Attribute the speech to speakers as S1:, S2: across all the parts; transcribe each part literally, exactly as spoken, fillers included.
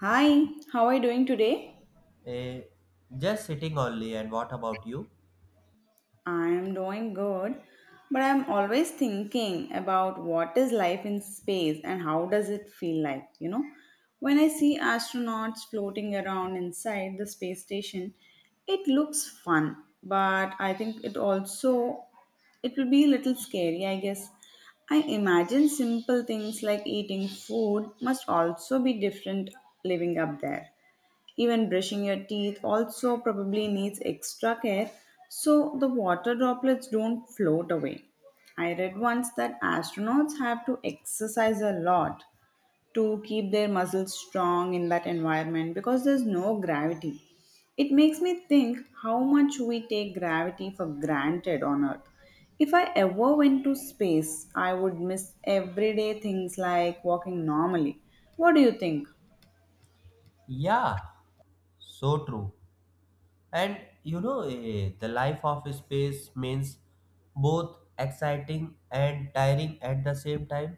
S1: Hi, how are you doing today?
S2: Eh, just sitting only. And what about you?
S1: I am doing good, but I'm always thinking about what is life in space and how does it feel like, you know? When I see astronauts floating around inside the space station, it looks fun, but I think it also it will be a little scary, I guess. I imagine simple things like eating food must also be different living up there. Even brushing your teeth also probably needs extra care so the water droplets don't float away. I read once that astronauts have to exercise a lot to keep their muscles strong in that environment because there's no gravity. It makes me think how much we take gravity for granted on Earth. If I ever went to space, I would miss everyday things like walking normally. What do you think?
S2: Yeah, so true. And you know, eh, the life of space means both exciting and tiring at the same time.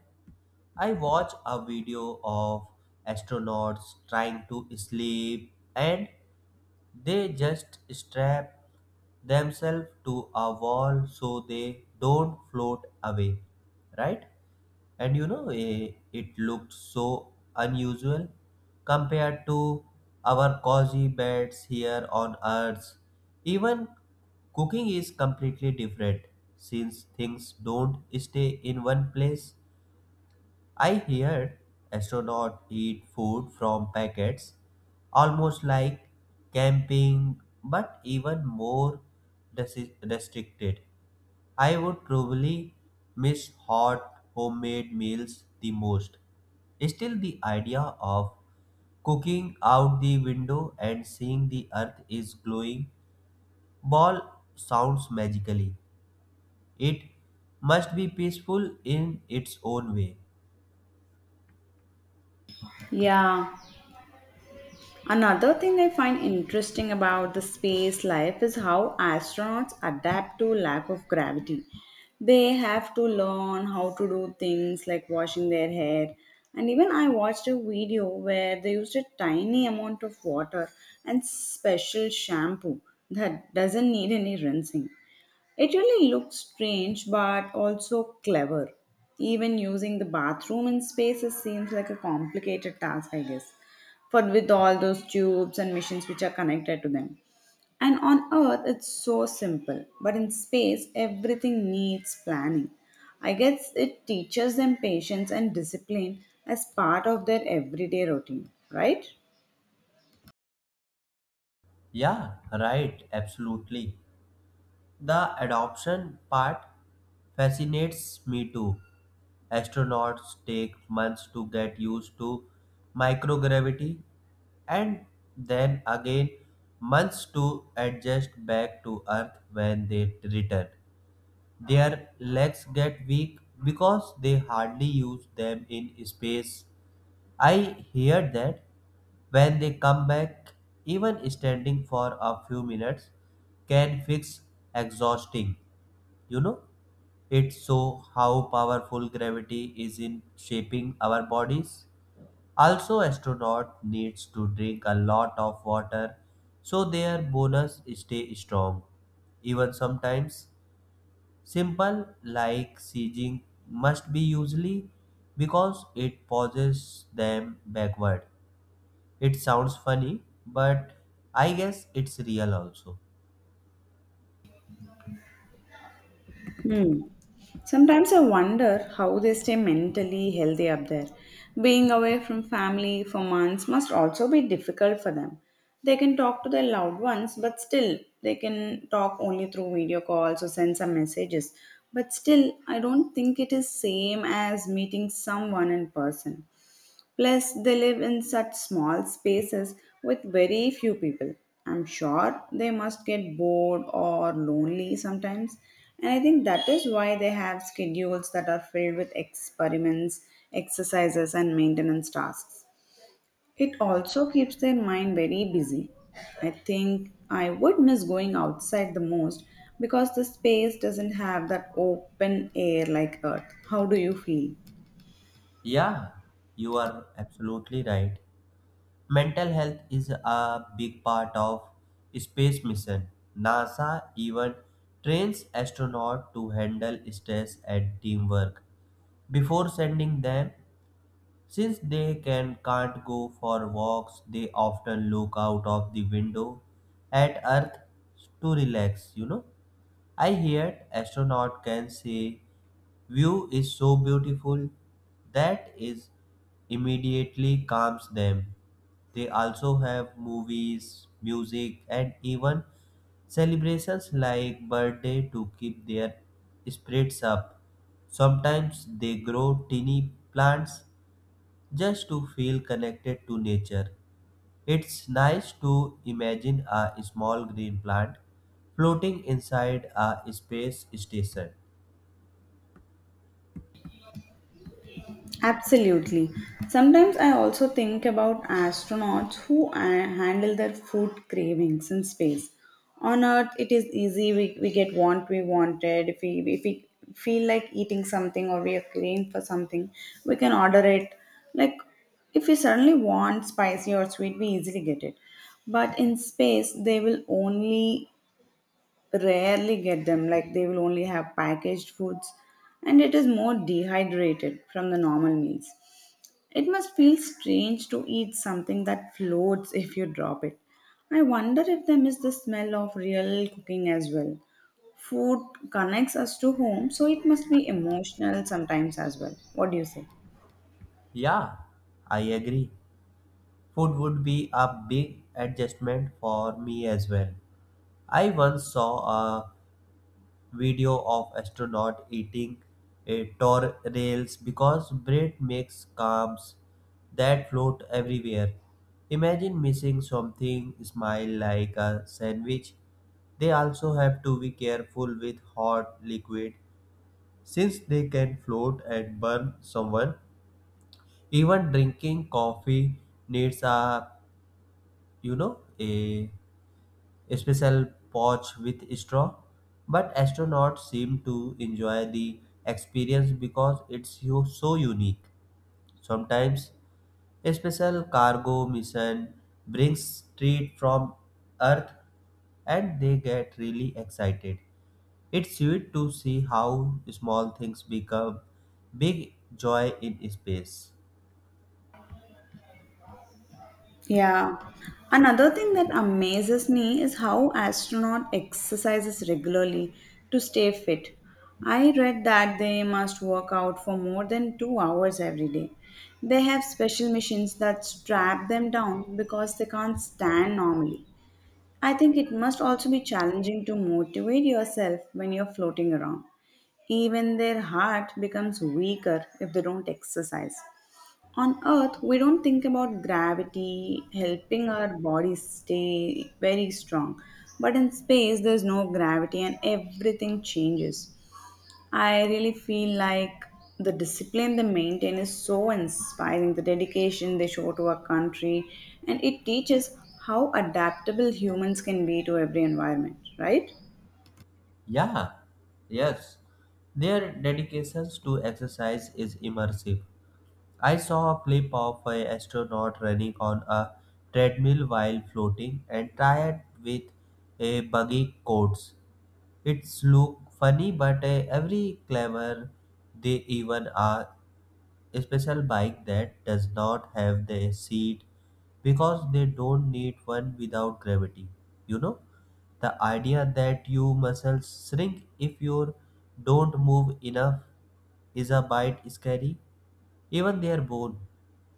S2: I watch a video of astronauts trying to sleep and they just strap themselves to a wall so they don't float away, right? and you know eh, it looked so unusual compared to our cozy beds here on Earth. Even cooking is completely different since things don't stay in one place. I heard astronauts eat food from packets almost like camping but even more resi- restricted. I would probably miss hot homemade meals the most. Still, the idea of cooking out the window and seeing the Earth is glowing ball sounds magically. It must be peaceful in its own way.
S1: Yeah, another thing I find interesting about the space life is how astronauts adapt to lack of gravity. They have to learn how to do things like washing their hair. And even I watched a video where they used a tiny amount of water and special shampoo that doesn't need any rinsing. It really looks strange but also clever. Even using the bathroom in spaces seems like a complicated task, I guess, for with all those tubes and machines which are connected to them. And on Earth, it's so simple, but in space, everything needs planning. I guess it teaches them patience and discipline as part of their everyday routine, right?
S2: Yeah, right, absolutely. The adoption part fascinates me too. Astronauts take months to get used to microgravity and then again months to adjust back to Earth when they return. Their legs get weak because they hardly use them in space. I hear that when they come back, even standing for a few minutes can fix exhausting. You know, it shows how powerful gravity is in shaping our bodies. Also, astronaut needs to drink a lot of water so their bones stay strong. Even sometimes, simple like sieging must be usually because it pauses them backward. It sounds funny, but I guess it's real also.
S1: Hmm. Sometimes I wonder how they stay mentally healthy up there. Being away from family for months must also be difficult for them. They can talk to their loved ones, but still, they can talk only through video calls or send some messages. But still, I don't think it is same as meeting someone in person. Plus, they live in such small spaces with very few people. I'm sure they must get bored or lonely sometimes. And I think that is why they have schedules that are filled with experiments, exercises, and maintenance tasks. It also keeps their mind very busy. I think I would miss going outside the most because the space doesn't have that open air like Earth. How do you feel?
S2: Yeah, you are absolutely right. Mental health is a big part of space mission. NASA even trains astronauts to handle stress and teamwork before sending them since they can can't go for walks, they often look out of the window at Earth to relax, you know. I heard astronaut can say view is so beautiful that is immediately calms them. They also have movies, music and even celebrations like birthday to keep their spirits up. Sometimes they grow tiny plants just to feel connected to nature. It's nice to imagine a small green plant floating inside a space station.
S1: Absolutely. Sometimes I also think about astronauts who uh, handle their food cravings in space. On Earth, it is easy. We, we get what we wanted. If we, if we feel like eating something or we are craving for something, we can order it. Like, if we suddenly want spicy or sweet, we easily get it. But in space, they will only rarely get them. Like, they will only have packaged foods and it is more dehydrated from the normal meals. It must feel strange to eat something that floats if you drop it. I wonder if they miss the smell of real cooking as well. Food connects us to home, so it must be emotional sometimes as well. What do you say?
S2: Yeah, I agree. Food would be a big adjustment for me as well. I once saw a video of astronaut eating a torrents because bread makes crumbs that float everywhere. Imagine missing something smile like a sandwich. They also have to be careful with hot liquid since they can float and burn someone. Even drinking coffee needs a you know a special pouch with straw, but astronauts seem to enjoy the experience because it's yo- so unique. Sometimes a special cargo mission brings treat from Earth and they get really excited. It's sweet to see how small things become big joy in space.
S1: Yeah. Another thing that amazes me is how astronaut exercises regularly to stay fit. I read that they must work out for more than two hours every day. They have special machines that strap them down because they can't stand normally. I think it must also be challenging to motivate yourself when you're floating around. Even their heart becomes weaker if they don't exercise. On earth we don't think about gravity helping our bodies stay very strong, but in space there's no gravity and everything changes. I really feel like the discipline they maintain is so inspiring, the dedication they show to our country, and it teaches how adaptable humans can be to every environment, right?
S2: Yeah, yes. Their dedications to exercise is immersive. I saw a clip of an astronaut running on a treadmill while floating and tired with a buggy coats. It's look funny, but uh, every clever they even are a special bike that does not have the seat because they don't need one without gravity. You know, the idea that you muscles shrink if you don't move enough is a bit scary even their bone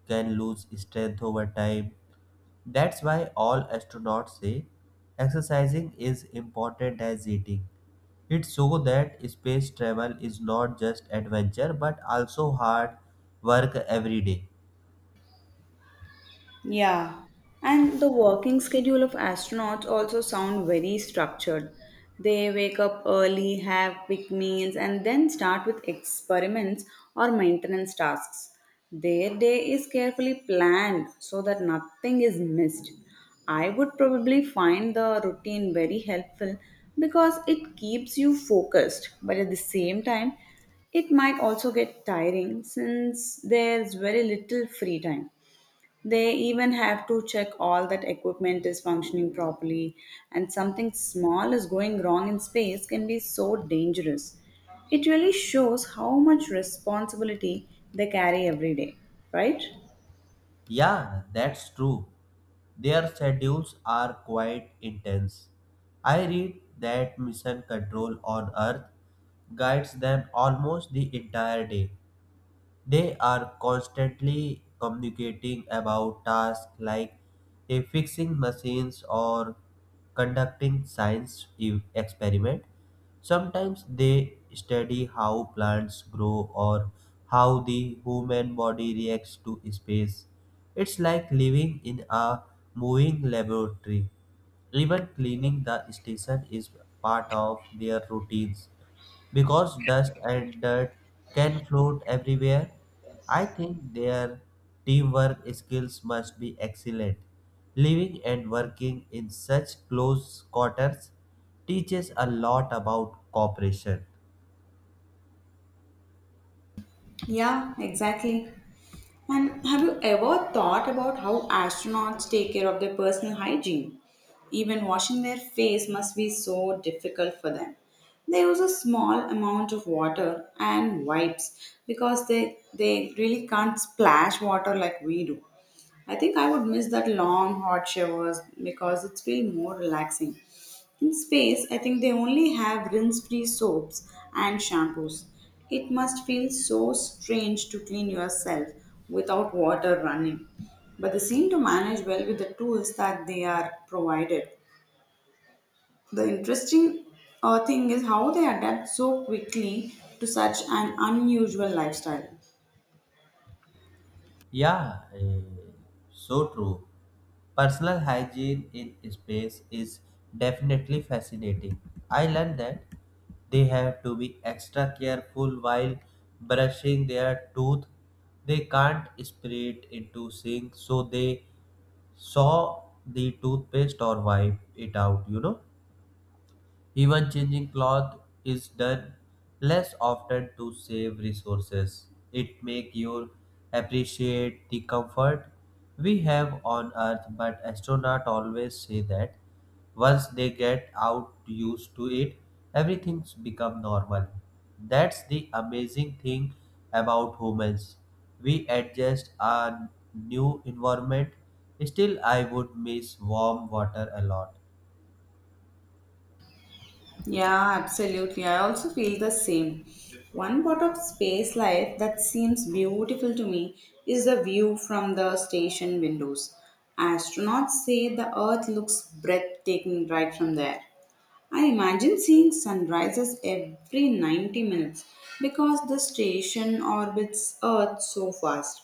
S2: can lose strength over time. That's why all astronauts say exercising is important as eating. It shows that space travel is not just adventure but also hard work every day.
S1: Yeah, and the working schedule of astronauts also sound very structured. They wake up early, have quick meals, and then start with experiments or maintenance tasks. Their day is carefully planned so that nothing is missed. I would probably find the routine very helpful because it keeps you focused, but at the same time, it might also get tiring since there's very little free time. They even have to check all that equipment is functioning properly, and something small is going wrong in space can be so dangerous. It really shows how much responsibility they carry every day, right?
S2: Yeah, that's true. Their schedules are quite intense. I read that mission control on Earth guides them almost the entire day. They are constantly communicating about tasks like a fixing machines or conducting science e- experiment. Sometimes they study how plants grow or how the human body reacts to space. It's like living in a moving laboratory. Even cleaning the station is part of their routines. Because dust and dirt can float everywhere, I think their teamwork skills must be excellent. Living and working in such close quarters teaches a lot about cooperation.
S1: Yeah, exactly. And have you ever thought about how astronauts take care of their personal hygiene? Even washing their face must be so difficult for them. They use a small amount of water and wipes because they, they really can't splash water like we do. I think I would miss that long hot showers because it's feel more relaxing. In space, I think they only have rinse free soaps and shampoos. It must feel so strange to clean yourself without water running. But they seem to manage well with the tools that they are provided. The interesting uh, thing is how they adapt so quickly to such an unusual lifestyle.
S2: Yeah, eh, so true. Personal hygiene in space is definitely fascinating. I learned that they have to be extra careful while brushing their tooth. They can't spray it into sink, so they saw the toothpaste or wipe it out, you know. Even changing cloth is done less often to save resources. It make you appreciate the comfort we have on Earth, but astronauts always say that once they get out used to it, everything become normal. That's the amazing thing about humans. We adjust our new environment. Still, I would miss warm water a lot.
S1: Yeah, absolutely. I also feel the same. One part of space life that seems beautiful to me is the view from the station windows. Astronauts say the Earth looks breathtaking right from there. I imagine seeing sunrises every ninety minutes because the station orbits Earth so fast.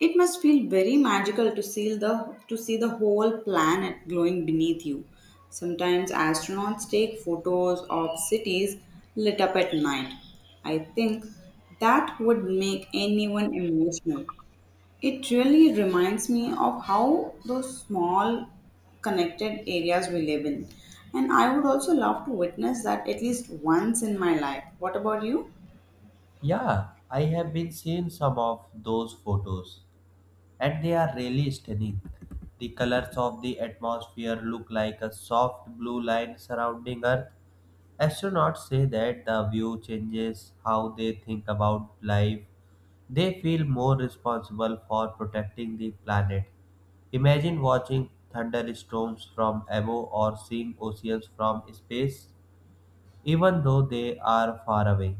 S1: It must feel very magical to see the to see the whole planet glowing beneath you. Sometimes astronauts take photos of cities lit up at night. I think that would make anyone emotional. It really reminds me of how those small connected areas we live in. And I would also love to witness that at least once in my life. What about you?
S2: Yeah, I have been seeing some of those photos and they are really stunning. The colors of the atmosphere look like a soft blue line surrounding Earth. Astronauts say that the view changes how they think about life. They feel more responsible for protecting the planet. Imagine watching thunderstorms from above or seeing oceans from space, even though they are far away.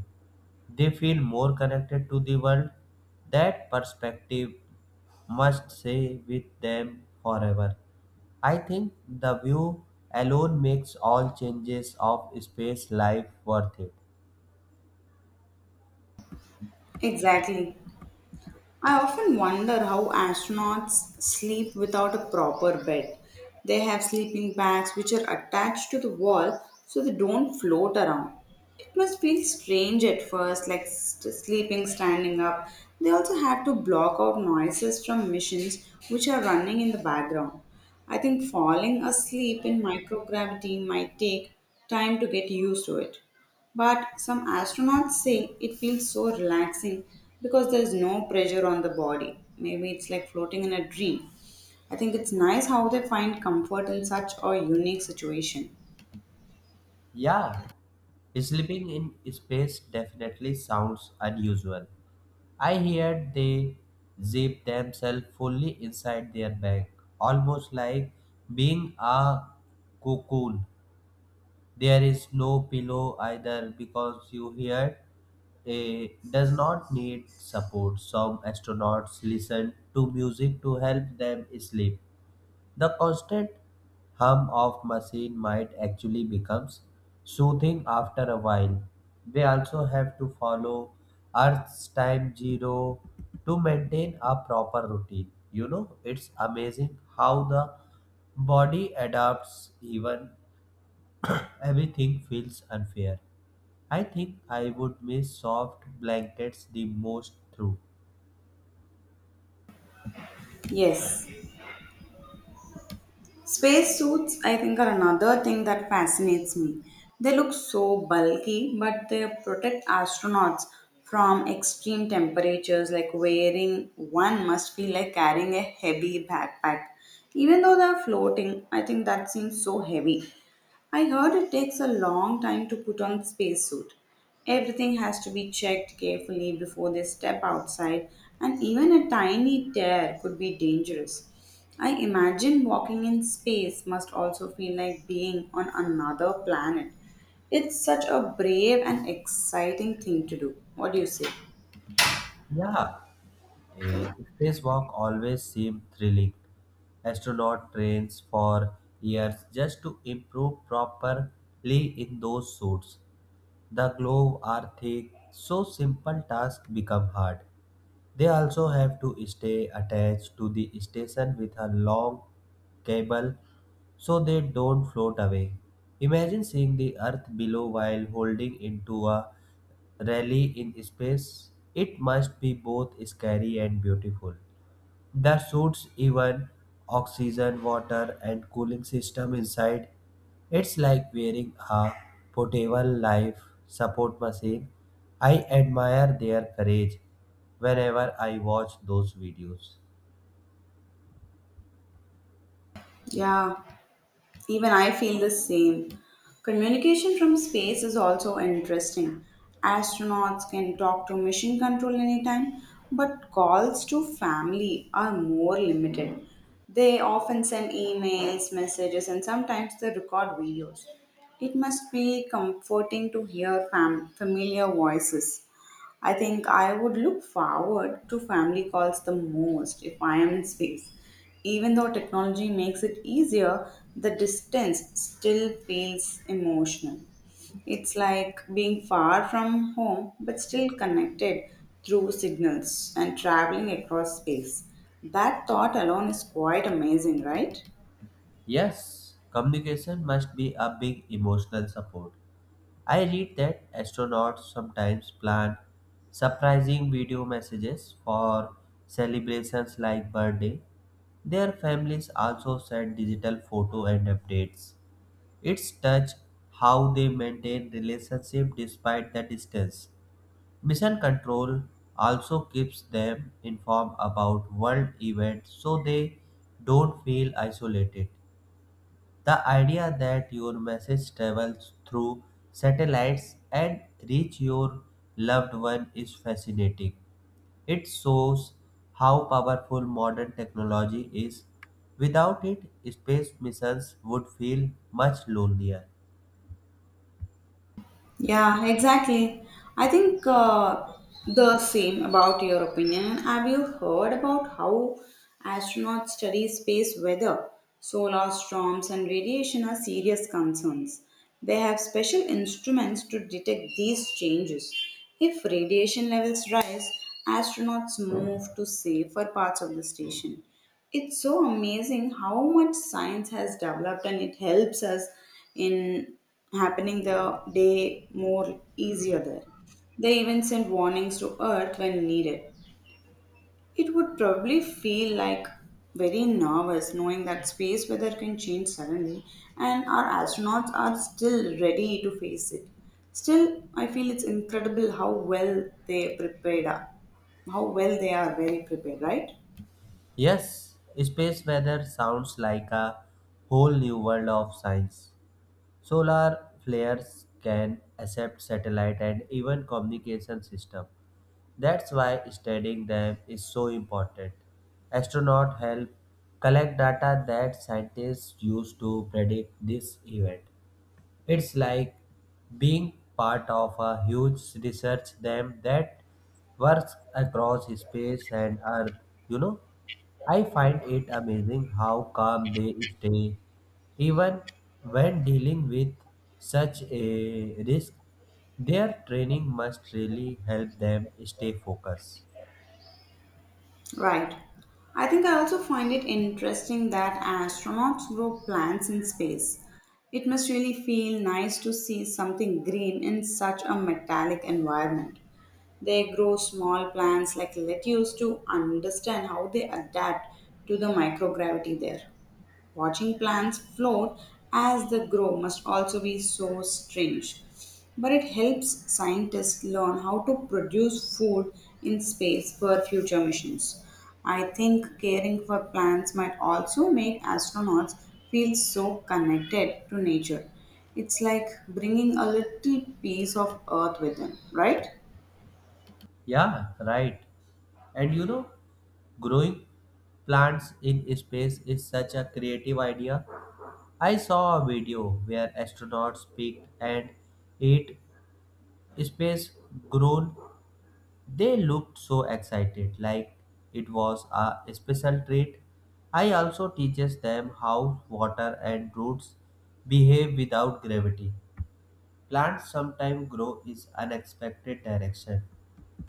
S2: They feel more connected to the world. That perspective must stay with them forever. I think the view alone makes all changes of space life worth it.
S1: Exactly. I often wonder how astronauts sleep without a proper bed. They have sleeping bags which are attached to the wall so they don't float around. It must feel strange at first, like st- sleeping, standing up. They also had to block out noises from machines which are running in the background. I think falling asleep in microgravity might take time to get used to it. But some astronauts say it feels so relaxing because there is no pressure on the body. Maybe it's like floating in a dream. I think it's nice how they find comfort in such a unique situation.
S2: Yeah, sleeping in space definitely sounds unusual. I heard they zip themselves fully inside their bag, almost like being a cocoon. There is no pillow either because you hear a does not need support. Some astronauts listen to music to help them sleep. The constant hum of machine might actually becomes soothing after a while. They also have to follow Earth's time zero to maintain a proper routine. You know, it's amazing how the body adapts even everything feels unfair. I think I would miss soft blankets the most through.
S1: Yes. Spacesuits, I think, are another thing that fascinates me. They look so bulky, but they protect astronauts from extreme temperatures. Like wearing one must feel like carrying a heavy backpack. Even though they're floating, I think that seems so heavy. I heard it takes a long time to put on the spacesuit. Everything has to be checked carefully before they step outside, and even a tiny tear could be dangerous. I imagine walking in space must also feel like being on another planet. It's such a brave and exciting thing to do. What do you say?
S2: Yeah, a spacewalk always seemed thrilling. Astronaut trains for years just to improve properly in those suits. The globe are thick, so simple tasks become hard. They also have to stay attached to the station with a long cable so they don't float away. Imagine seeing the Earth below while holding into a rally in space. It must be both scary and beautiful. The suits even oxygen, water, and cooling system inside. It's like wearing a portable life support machine. I admire their courage whenever I watch those videos.
S1: Yeah, even I feel the same. Communication from space is also interesting. Astronauts can talk to mission control anytime, but calls to family are more limited. They often send emails, messages, and sometimes they record videos. It must be comforting to hear fam- familiar voices. I think I would look forward to family calls the most if I am in space. Even though technology makes it easier, the distance still feels emotional. It's like being far from home but still connected through signals and traveling across space. That thought alone is quite amazing, right?
S2: Yes, communication must be a big emotional support. I read that astronauts sometimes plan surprising video messages for celebrations like birthday. Their families also send digital photo and updates. It's touch how they maintain relationship despite the distance. Mission Control also keeps them informed about world events so they don't feel isolated. The idea that your message travels through satellites and reach your loved one is fascinating. It shows how powerful modern technology is. Without it, space missions would feel much lonelier.
S1: Yeah, exactly. I think uh, the same about your opinion. Have you heard about how astronauts study space weather? Solar storms and radiation are serious concerns. They have special instruments to detect these changes. If radiation levels rise, astronauts move to safer parts of the station. It's so amazing how much science has developed and it helps us in happening the day more easier there. They even sent warnings to Earth when needed. It would probably feel like very nervous knowing that space weather can change suddenly and our astronauts are still ready to face it. Still, I feel it's incredible how well they prepared are. How well they are very prepared, right?
S2: Yes, space weather sounds like a whole new world of science. Solar flares can accept satellite and even communication system. That's why studying them is so important. Astronauts help collect data that scientists use to predict this event. It's like being part of a huge research team that works across space and Earth. You know, I find it amazing how calm they stay, even when dealing with such a risk. Their training must really help them stay focused.
S1: Right. I think I also find it interesting that astronauts grow plants in space. It must really feel nice to see something green in such a metallic environment. They grow small plants like lettuce to understand how they adapt to the microgravity there. Watching plants float as they grow must also be so strange. But it helps scientists learn how to produce food in space for future missions. I think caring for plants might also make astronauts feel so connected to nature. It's like bringing a little piece of earth with them, right?
S2: Yeah, right. And you know, growing plants in space is such a creative idea. I saw a video where astronauts picked and ate space grown. They looked so excited, like it was a special treat. I also teaches them how water and roots behave without gravity. Plants sometimes grow in unexpected direction.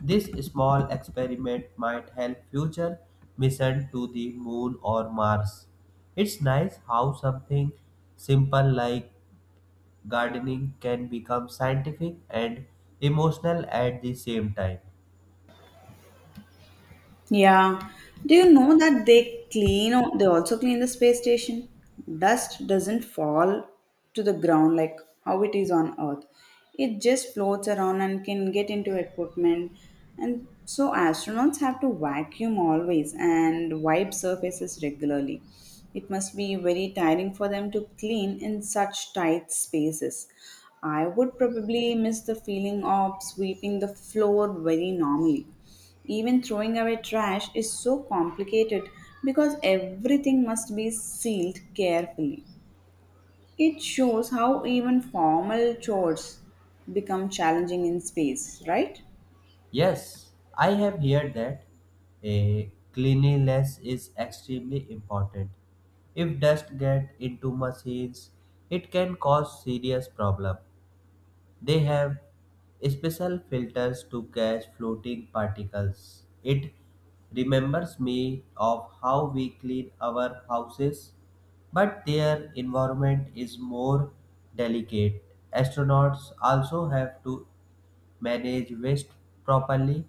S2: This small experiment might help future mission to the moon or Mars. It's nice how something simple like gardening can become scientific and emotional at the same time.
S1: Yeah. Do you know that they clean, they also clean the space station? Dust doesn't fall to the ground like how it is on Earth. It just floats around and can get into equipment. And so astronauts have to vacuum always and wipe surfaces regularly. It must be very tiring for them to clean in such tight spaces. I would probably miss the feeling of sweeping the floor very normally. Even throwing away trash is so complicated because everything must be sealed carefully. It shows how even formal chores become challenging in space, right?
S2: Yes, I have heard that a cleanliness is extremely important. If dust get into machines, it can cause serious problem. They have special filters to catch floating particles. It remembers me of how we clean our houses, but their environment is more delicate. Astronauts also have to manage waste properly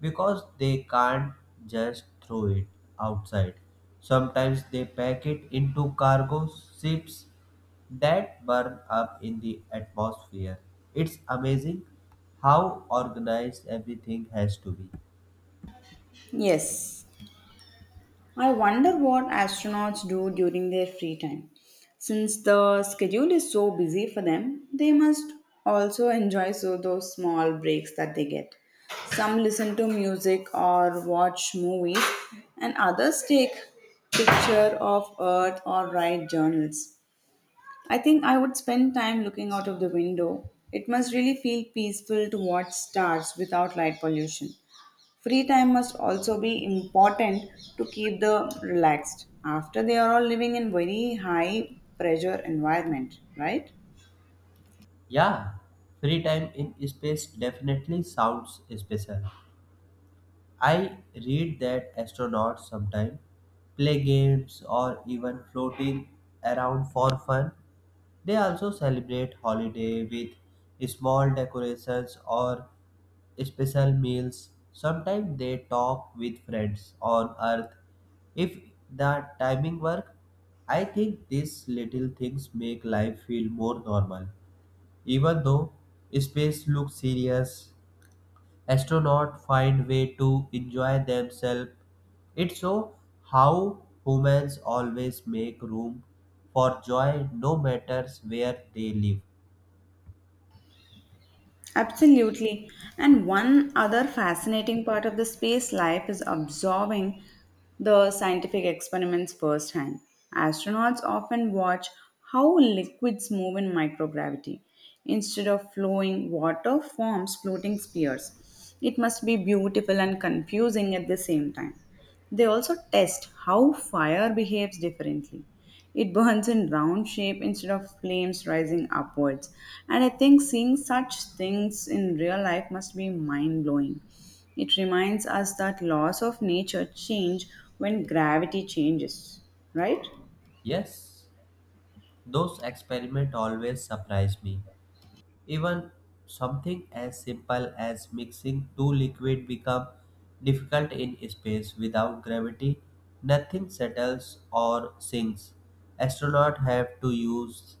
S2: because they can't just throw it outside. Sometimes they pack it into cargo ships that burn up in the atmosphere. It's amazing how organized everything has to be.
S1: Yes, I wonder what astronauts do during their free time. Since the schedule is so busy for them, they must also enjoy so those small breaks that they get. Some listen to music or watch movies, and others take picture of earth or write journals. I think I would spend time looking out of the window. It must really feel peaceful to watch stars without light pollution. Free time must also be important to keep the relaxed after they are all living in very high pressure environment, right?
S2: Yeah, free time in space definitely sounds special. I read that astronauts sometimes play games or even floating around for fun. They also celebrate holiday with small decorations or special meals. Sometimes they talk with friends on Earth. If the timing work, I think these little things make life feel more normal. Even though space looks serious, astronauts find way to enjoy themselves. It's so how humans always make room for joy no matters where they live.
S1: Absolutely. And one other fascinating part of the space life is absorbing the scientific experiments firsthand. Astronauts often watch how liquids move in microgravity. Instead of flowing, water forms floating spheres. It must be beautiful and confusing at the same time. They also test how fire behaves differently. It burns in round shape instead of flames rising upwards. And I think seeing such things in real life must be mind blowing. It reminds us that laws of nature change when gravity changes, right?
S2: Yes, those experiments always surprise me. Even something as simple as mixing two liquid become difficult in space without gravity. Nothing settles or sinks. Astronauts have to use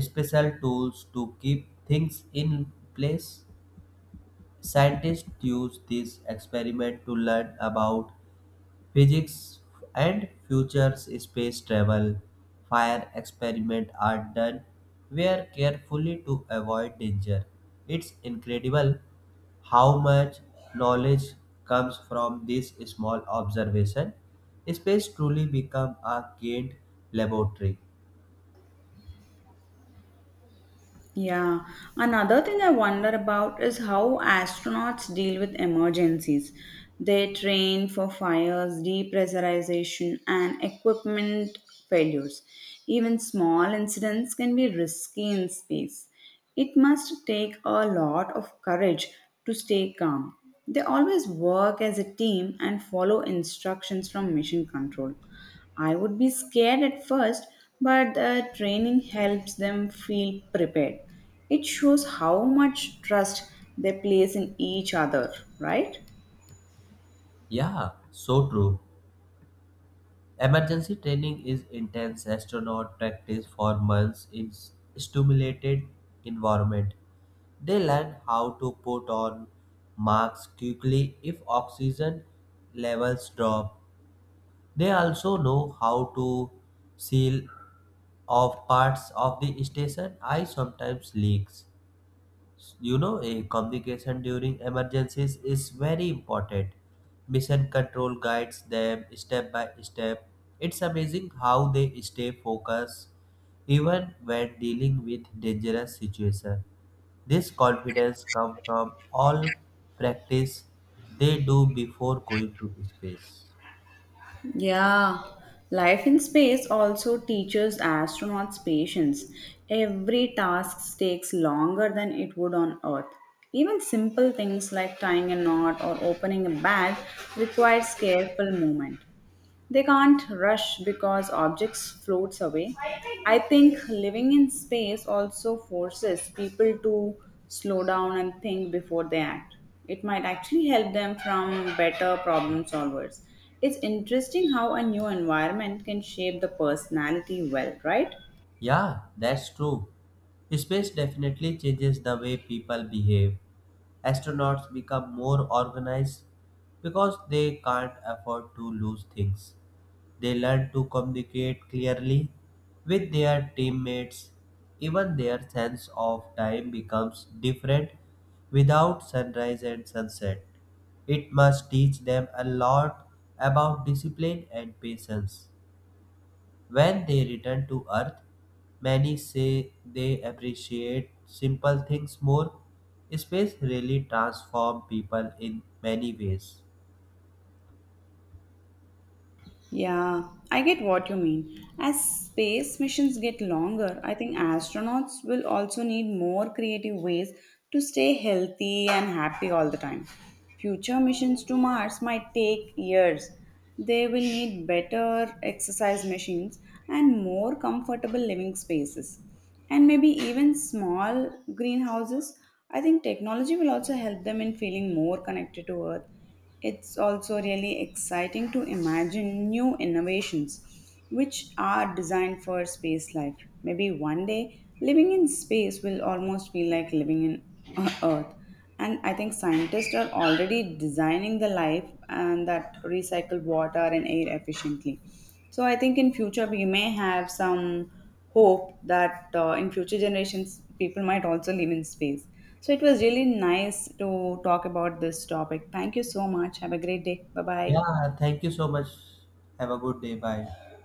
S2: special tools to keep things in place. Scientists use this experiment to learn about physics and future space travel. Fire experiments are done where carefully to avoid danger. It's incredible how much knowledge comes from this small observation. Space truly become a kind laboratory.
S1: Yeah. Another thing I wonder about is how astronauts deal with emergencies. They train for fires, depressurization, and equipment failures. Even small incidents can be risky in space. It must take a lot of courage to stay calm. They always work as a team and follow instructions from mission control. I would be scared at first, but the training helps them feel prepared. It shows how much trust they place in each other, right?
S2: Yeah, so true. Emergency training is intense. Astronauts practice for months in s- stimulated environment. They learn how to put on masks quickly if oxygen levels drop. They also know how to seal off parts of the station. I sometimes leaks you know a communication during emergencies is very important. Mission control guides them step by step. It's amazing how they stay focused even when dealing with dangerous situations. This confidence comes from all practice they do before going to space.
S1: Yeah, life in space also teaches astronauts patience. Every task takes longer than it would on Earth. Even simple things like tying a knot or opening a bag requires careful movement. They can't rush because objects floats away. I think living in space also forces people to slow down and think before they act. It might actually help them from better problem solvers. It's interesting how a new environment can shape the personality well, right?
S2: Yeah, that's true. Space definitely changes the way people behave. Astronauts become more organized because they can't afford to lose things. They learn to communicate clearly with their teammates. Even their sense of time becomes different without sunrise and sunset. It must teach them a lot about discipline and patience. When they return to Earth, many say they appreciate simple things more. Space really transforms people in many ways.
S1: Yeah, I get what you mean. As space missions get longer, I think astronauts will also need more creative ways to stay healthy and happy all the time. Future missions to Mars might take years. They will need better exercise machines and more comfortable living spaces, and maybe even small greenhouses. I think technology will also help them in feeling more connected to Earth. It's also really exciting to imagine new innovations which are designed for space life. Maybe one day living in space will almost feel like living in Earth. And I think scientists are already designing the life and that recycle water and air efficiently. So I think in future we may have some hope that uh, in future generations people might also live in space. So it was really nice to talk about this topic. Thank you so much. Have a great day. Bye bye.
S2: Yeah, thank you so much. Have a good day. Bye.